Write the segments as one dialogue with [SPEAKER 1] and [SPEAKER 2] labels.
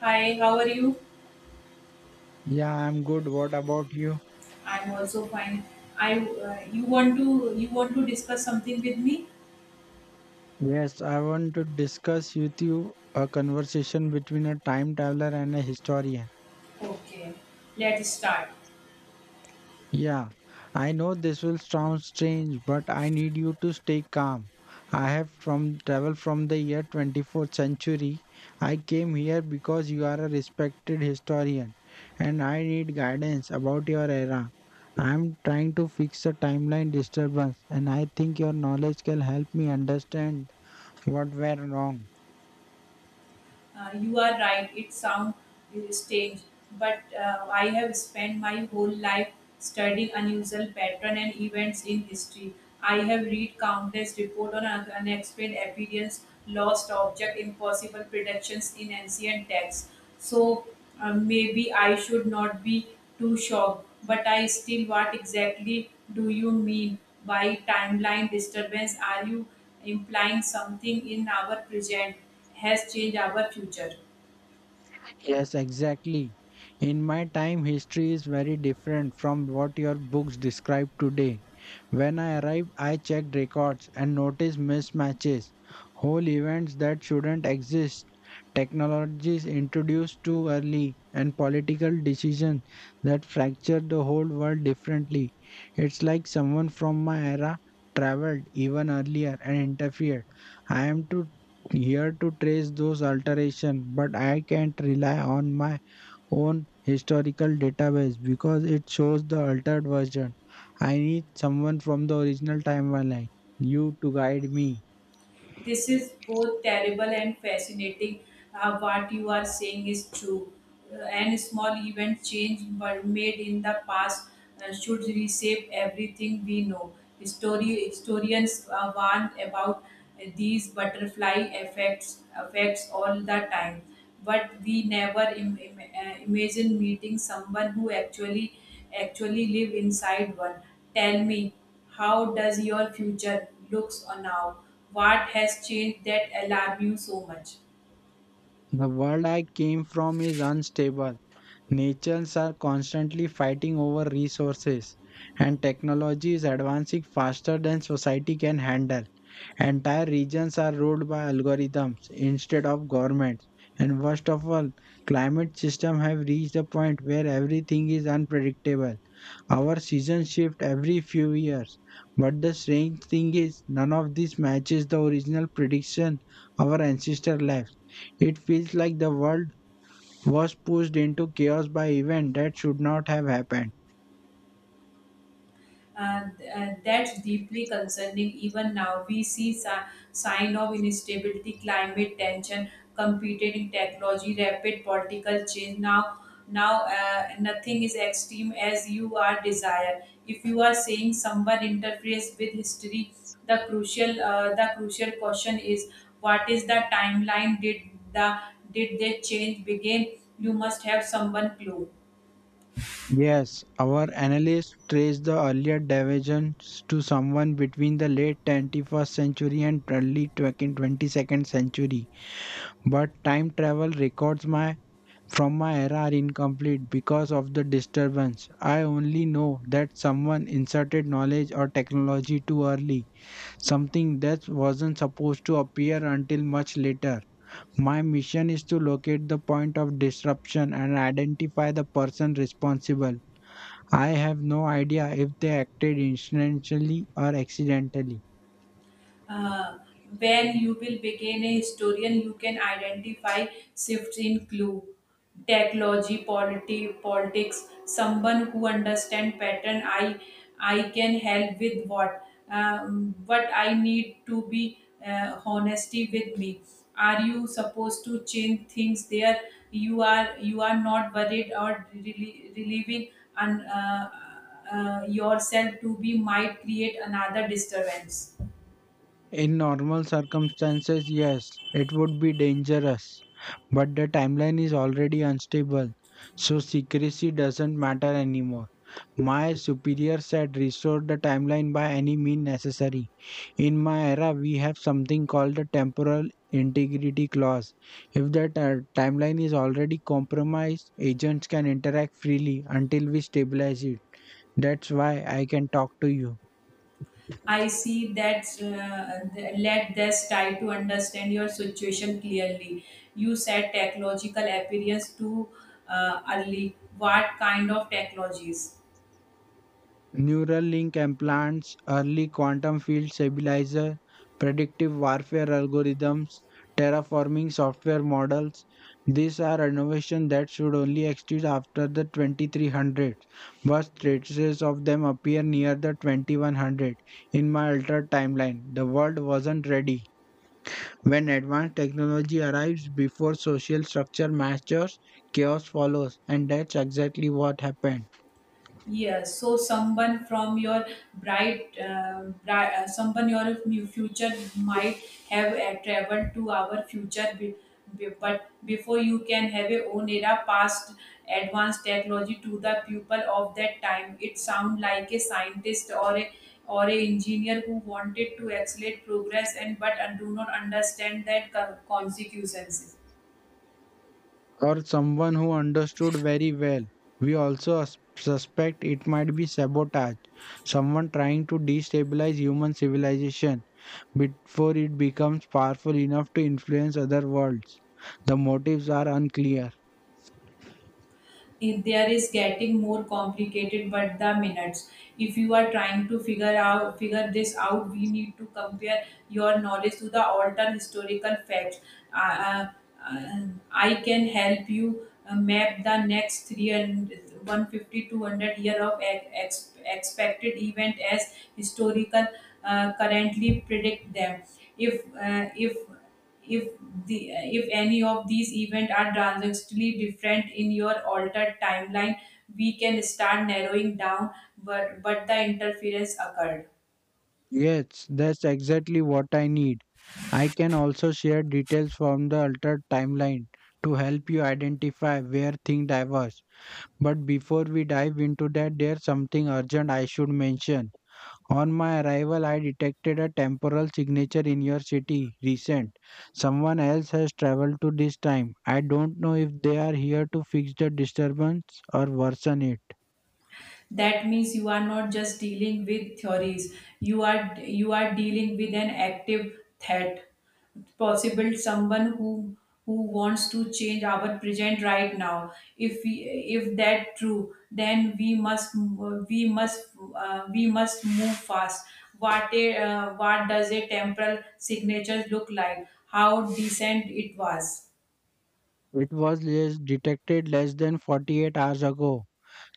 [SPEAKER 1] Hi, how are you?
[SPEAKER 2] Yeah, I'm good. What about you?
[SPEAKER 1] I'm also fine. I You want to discuss something with me?
[SPEAKER 2] Yes, I want to discuss with you a conversation between a time traveler and a historian.
[SPEAKER 1] Okay, let's start.
[SPEAKER 2] Yeah, I know this will sound strange, but I need you to stay calm. I have from traveled from the year 24th century. I came here because you are a respected historian and I need guidance about your era. I am trying to fix a timeline disturbance and I think your knowledge can help me understand what went wrong.
[SPEAKER 1] You are right. It sounds strange, but I have spent my whole life studying unusual patterns and events in history. I have read countless reports on unexplained appearance, lost objects, impossible predictions in ancient texts. So maybe I should not be too shocked, but I still what exactly do you mean by timeline disturbance? Are you implying something in our present has changed our future?
[SPEAKER 2] Yes, exactly. In my time, history is very different from what your books describe today. When I arrived, I checked records and noticed mismatches, whole events that shouldn't exist, technologies introduced too early, and political decisions that fractured the whole world differently. It's like someone from my era traveled even earlier and interfered. I am to here to trace those alterations, but I can't rely on my own historical database because it shows the altered version. I need someone from the original timeline, you to guide me.
[SPEAKER 1] This is both terrible and fascinating. What you are saying is true. And small event change were made in the past should reshape everything we know. History, historians warn about these butterfly effects all the time. But we never imagine meeting someone who actually live inside one. Tell me, how does your future looks on now? What has changed that alarm you so much?
[SPEAKER 2] The world I came from is unstable. Nations are constantly fighting over resources, and technology is advancing faster than society can handle. Entire regions are ruled by algorithms instead of governments. And worst of all, climate systems have reached a point where everything is unpredictable. Our seasons shift every few years. But the strange thing is, none of this matches the original prediction our ancestors left. It feels like the world was pushed into chaos by events that should not have happened.
[SPEAKER 1] That's deeply concerning. Even now, we see sign of instability, climate tension, competing technology, rapid political change. Now, nothing is extreme as you are desire. If you are saying someone interferes with history, the crucial question is what is the timeline? The did they change begin? You must have someone clue.
[SPEAKER 2] Yes, our analysts traced the earlier divergence to someone between the late 21st century and early 22nd century. But time travel records my from my era are incomplete because of the disturbance. I only know that someone inserted knowledge or technology too early, something that wasn't supposed to appear until much later. My mission is to locate the point of disruption and identify the person responsible. I have no idea if they acted intentionally or accidentally.
[SPEAKER 1] uh, when you will begin a historian you can identify shifts in clue technology polity, politics someone who understand pattern I can help with what I need to be honesty with me are you supposed to change things there you are not worried or relieving and yourself to be might create another disturbance.
[SPEAKER 2] In normal circumstances, yes, it would be dangerous, but the timeline is already unstable, so secrecy doesn't matter anymore. My superior said restore the timeline by any means necessary. In my era, we have something called the temporal integrity clause. If the timeline is already compromised, agents can interact freely until we stabilize it. That's why I can talk to you.
[SPEAKER 1] I see that let this try to understand your situation clearly. You said technological appearance too early. What kind of technologies?
[SPEAKER 2] Neural link implants, early quantum field stabilizer, predictive warfare algorithms, terraforming software models. These are innovations that should only exist after the 2300, but traces of them appear near the 2100. In my altered timeline, the world wasn't ready. When advanced technology arrives before social structure matures, chaos follows, and that's exactly what happened.
[SPEAKER 1] Yes, so someone from your bright, bright someone your future might have traveled to our future, but before you can have a own era past advanced technology to the people of that time. It sound like a scientist or a engineer who wanted to accelerate progress and but do not understand that consequences.
[SPEAKER 2] Or someone who understood very well. We also suspect it might be sabotage, someone trying to destabilize human civilization before it becomes powerful enough to influence other worlds. The motives are unclear.
[SPEAKER 1] It- there is getting more complicated but the minutes if you are trying to figure this out we need to compare your knowledge to the altered historical facts uh, uh, uh, I can help you map the next three and one fifty-two hundred year of expected event as historical currently predict them if uh, if if the if any of these events are transactionally different in your altered timeline we can start narrowing down but the interference occurred.
[SPEAKER 2] Yes, that's exactly what I need. I can also share details from the altered timeline to help you identify where things diverge. But before we dive into that, there's something urgent I should mention. On my arrival, I detected a temporal signature in your city, recent. Someone else has traveled to this time. I don't know if they are here to fix the disturbance or worsen it.
[SPEAKER 1] That means you are not just dealing with theories you are dealing with an active threat possible someone who wants to change our present right now if we if that true then we must we must move fast. What does a temporal signature look like how decent it was?
[SPEAKER 2] It was less detected less than 48 hours ago.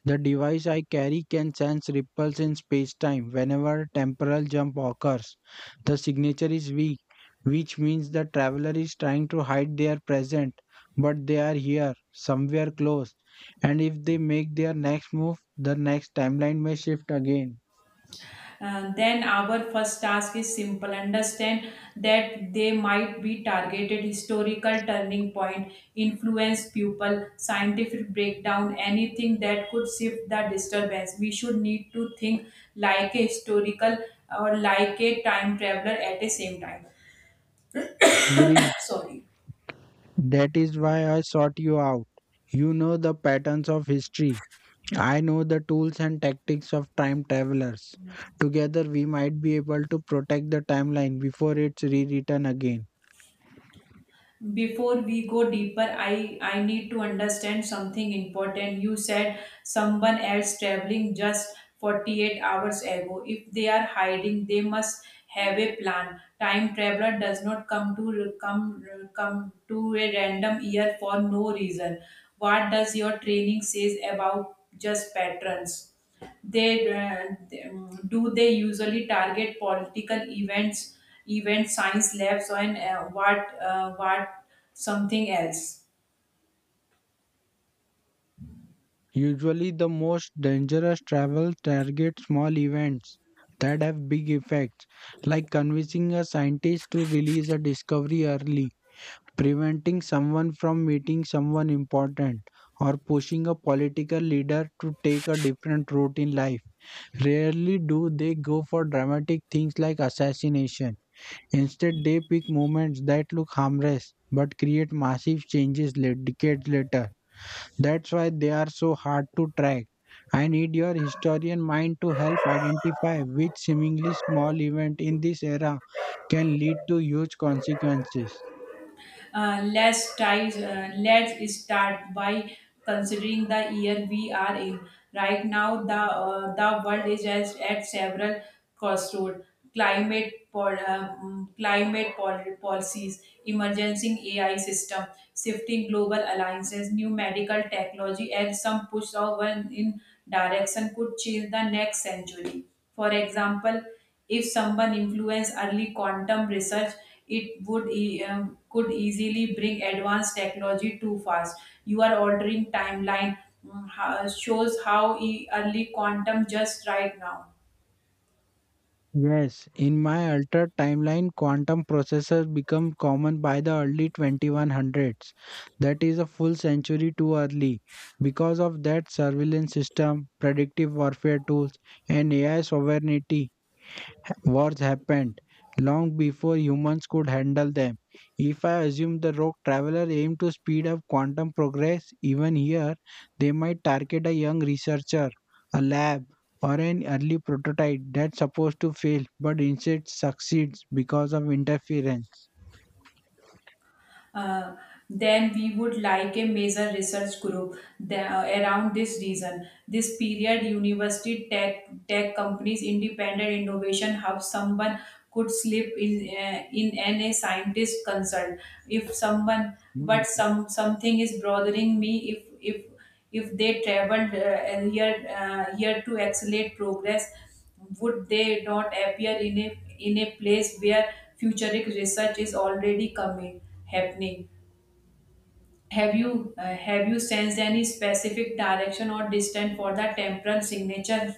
[SPEAKER 2] The device I carry can sense ripples in spacetime whenever a temporal jump occurs. The signature is weak, which means the traveler is trying to hide their present, but they are here, somewhere close. And if they make their next move, the next timeline may shift again.
[SPEAKER 1] Then our first task is simple understand that they might be targeted historical turning point influence people scientific breakdown anything that could shift the disturbance we should need to think like a historical or like a time traveler at the same time.
[SPEAKER 2] Agreed.
[SPEAKER 1] Sorry.
[SPEAKER 2] That is why I sought you out. You know the patterns of history. I know the tools and tactics of time travelers. Together, we might be able to protect the timeline before it's rewritten again.
[SPEAKER 1] Before we go deeper I need to understand something important you said someone else traveling just 48 hours ago if they are hiding they must have a plan time traveler does not come to a random year for no reason. What does your training says about just patterns? They, they, do they usually target political events event science labs and what something else?
[SPEAKER 2] Usually, the most dangerous travel target small events that have big effects, like convincing a scientist to release a discovery early, preventing someone from meeting someone important, or pushing a political leader to take a different route in life. Rarely do they go for dramatic things like assassination. Instead, they pick movements that look harmless but create massive changes late, decades later. That's why they are so hard to track. I need your historian mind to help identify which seemingly small event in this era can lead to huge consequences.
[SPEAKER 1] Let's start by considering the year we are in. Right now, the world is as, at several crossroads. Climate, climate policies, emerging AI system, shifting global alliances, new medical technology, and some push over in direction could change the next century. For example, if someone influenced early quantum research, it would could easily bring advanced technology too fast. You are ordering timeline shows how early quantum just right now.
[SPEAKER 2] Yes, in my altered timeline, quantum processors become common by the early 2100s. That is a full century too early. Because of that, surveillance system, predictive warfare tools, and AI sovereignty wars happened long before humans could handle them. If I assume the rogue traveler aimed to speed up quantum progress, even here, they might target a young researcher, a lab, or an early prototype that's supposed to fail but instead succeeds because of interference.
[SPEAKER 1] Uh, then we would like a major research group around this reason. This period, university tech companies, independent innovation hubs, someone could slip in an a scientist consult if someone
[SPEAKER 2] Mm.
[SPEAKER 1] but some something is bothering me if they traveled here to accelerate progress would they not appear in a place where futuristic research is already coming happening. Have you have you sensed any specific direction or distance for the temporal signature?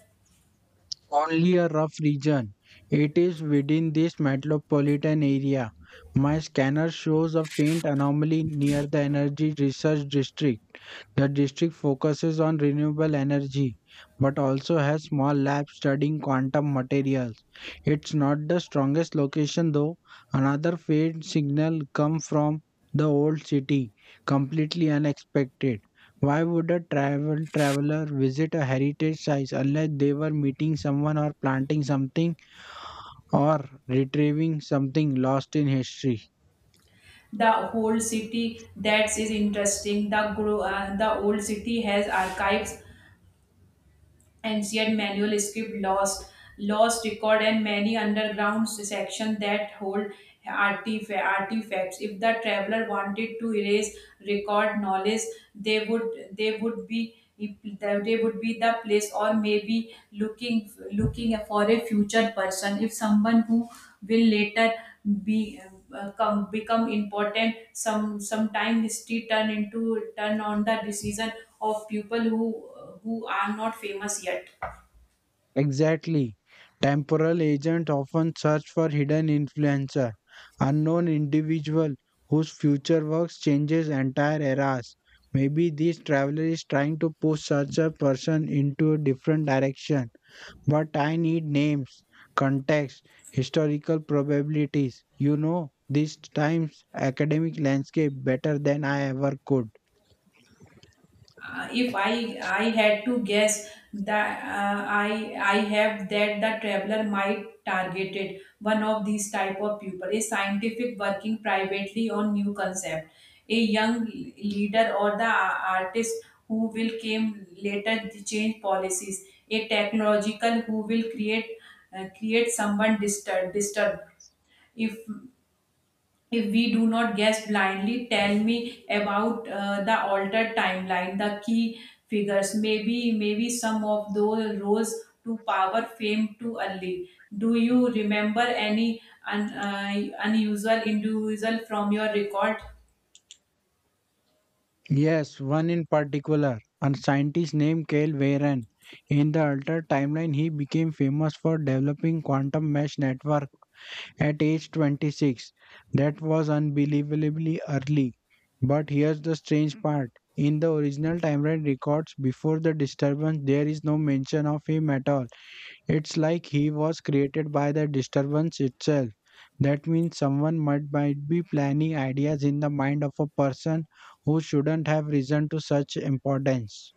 [SPEAKER 2] Only a rough region. It is within this metropolitan area. My scanner shows a faint anomaly near the Energy Research District. The district focuses on renewable energy but also has small labs studying quantum materials. It's not the strongest location though. Another faint signal come from the old city, completely unexpected. Why would a traveler visit a heritage site unless they were meeting someone or planting something or retrieving something lost in history?
[SPEAKER 1] The whole city that is interesting the old city has archives and yet manual script lost record and many underground sections that hold artifacts if the traveler wanted to erase record knowledge they would they would be they would be the place or maybe looking for a future person if someone who will later be become important some sometime history turn on the decision of people who are not famous yet.
[SPEAKER 2] Exactly. Temporal agents often search for hidden influencer, unknown individual whose future works changes entire eras. Maybe this traveler is trying to push such a person into a different direction. But I need names, context, historical probabilities. You know these times academic landscape better than I ever could.
[SPEAKER 1] If I had to guess that I have that the traveler might targeted one of these type of people a scientific working privately on new concept a young leader or the artist who will came later to change policies a technological who will create create someone disturbed if we do not guess blindly, tell me about the altered timeline, the key figures, maybe some of those rose to power, fame too early. Do you remember any unusual individual from your record?
[SPEAKER 2] Yes, one in particular, a scientist named Kyle Warren. In the altered timeline, he became famous for developing quantum mesh network at age 26. That was unbelievably early. But here's the strange part. In the original timeline records before the disturbance, there is no mention of him at all. It's like he was created by the disturbance itself. That means someone might be planning ideas in the mind of a person who shouldn't have risen to such importance.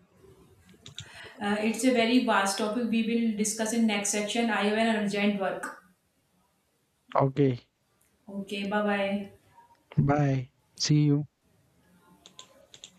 [SPEAKER 1] It's a very vast topic. We will discuss in next section. I have an urgent work.
[SPEAKER 2] Okay,
[SPEAKER 1] Okay, bye bye.
[SPEAKER 2] bye. See you.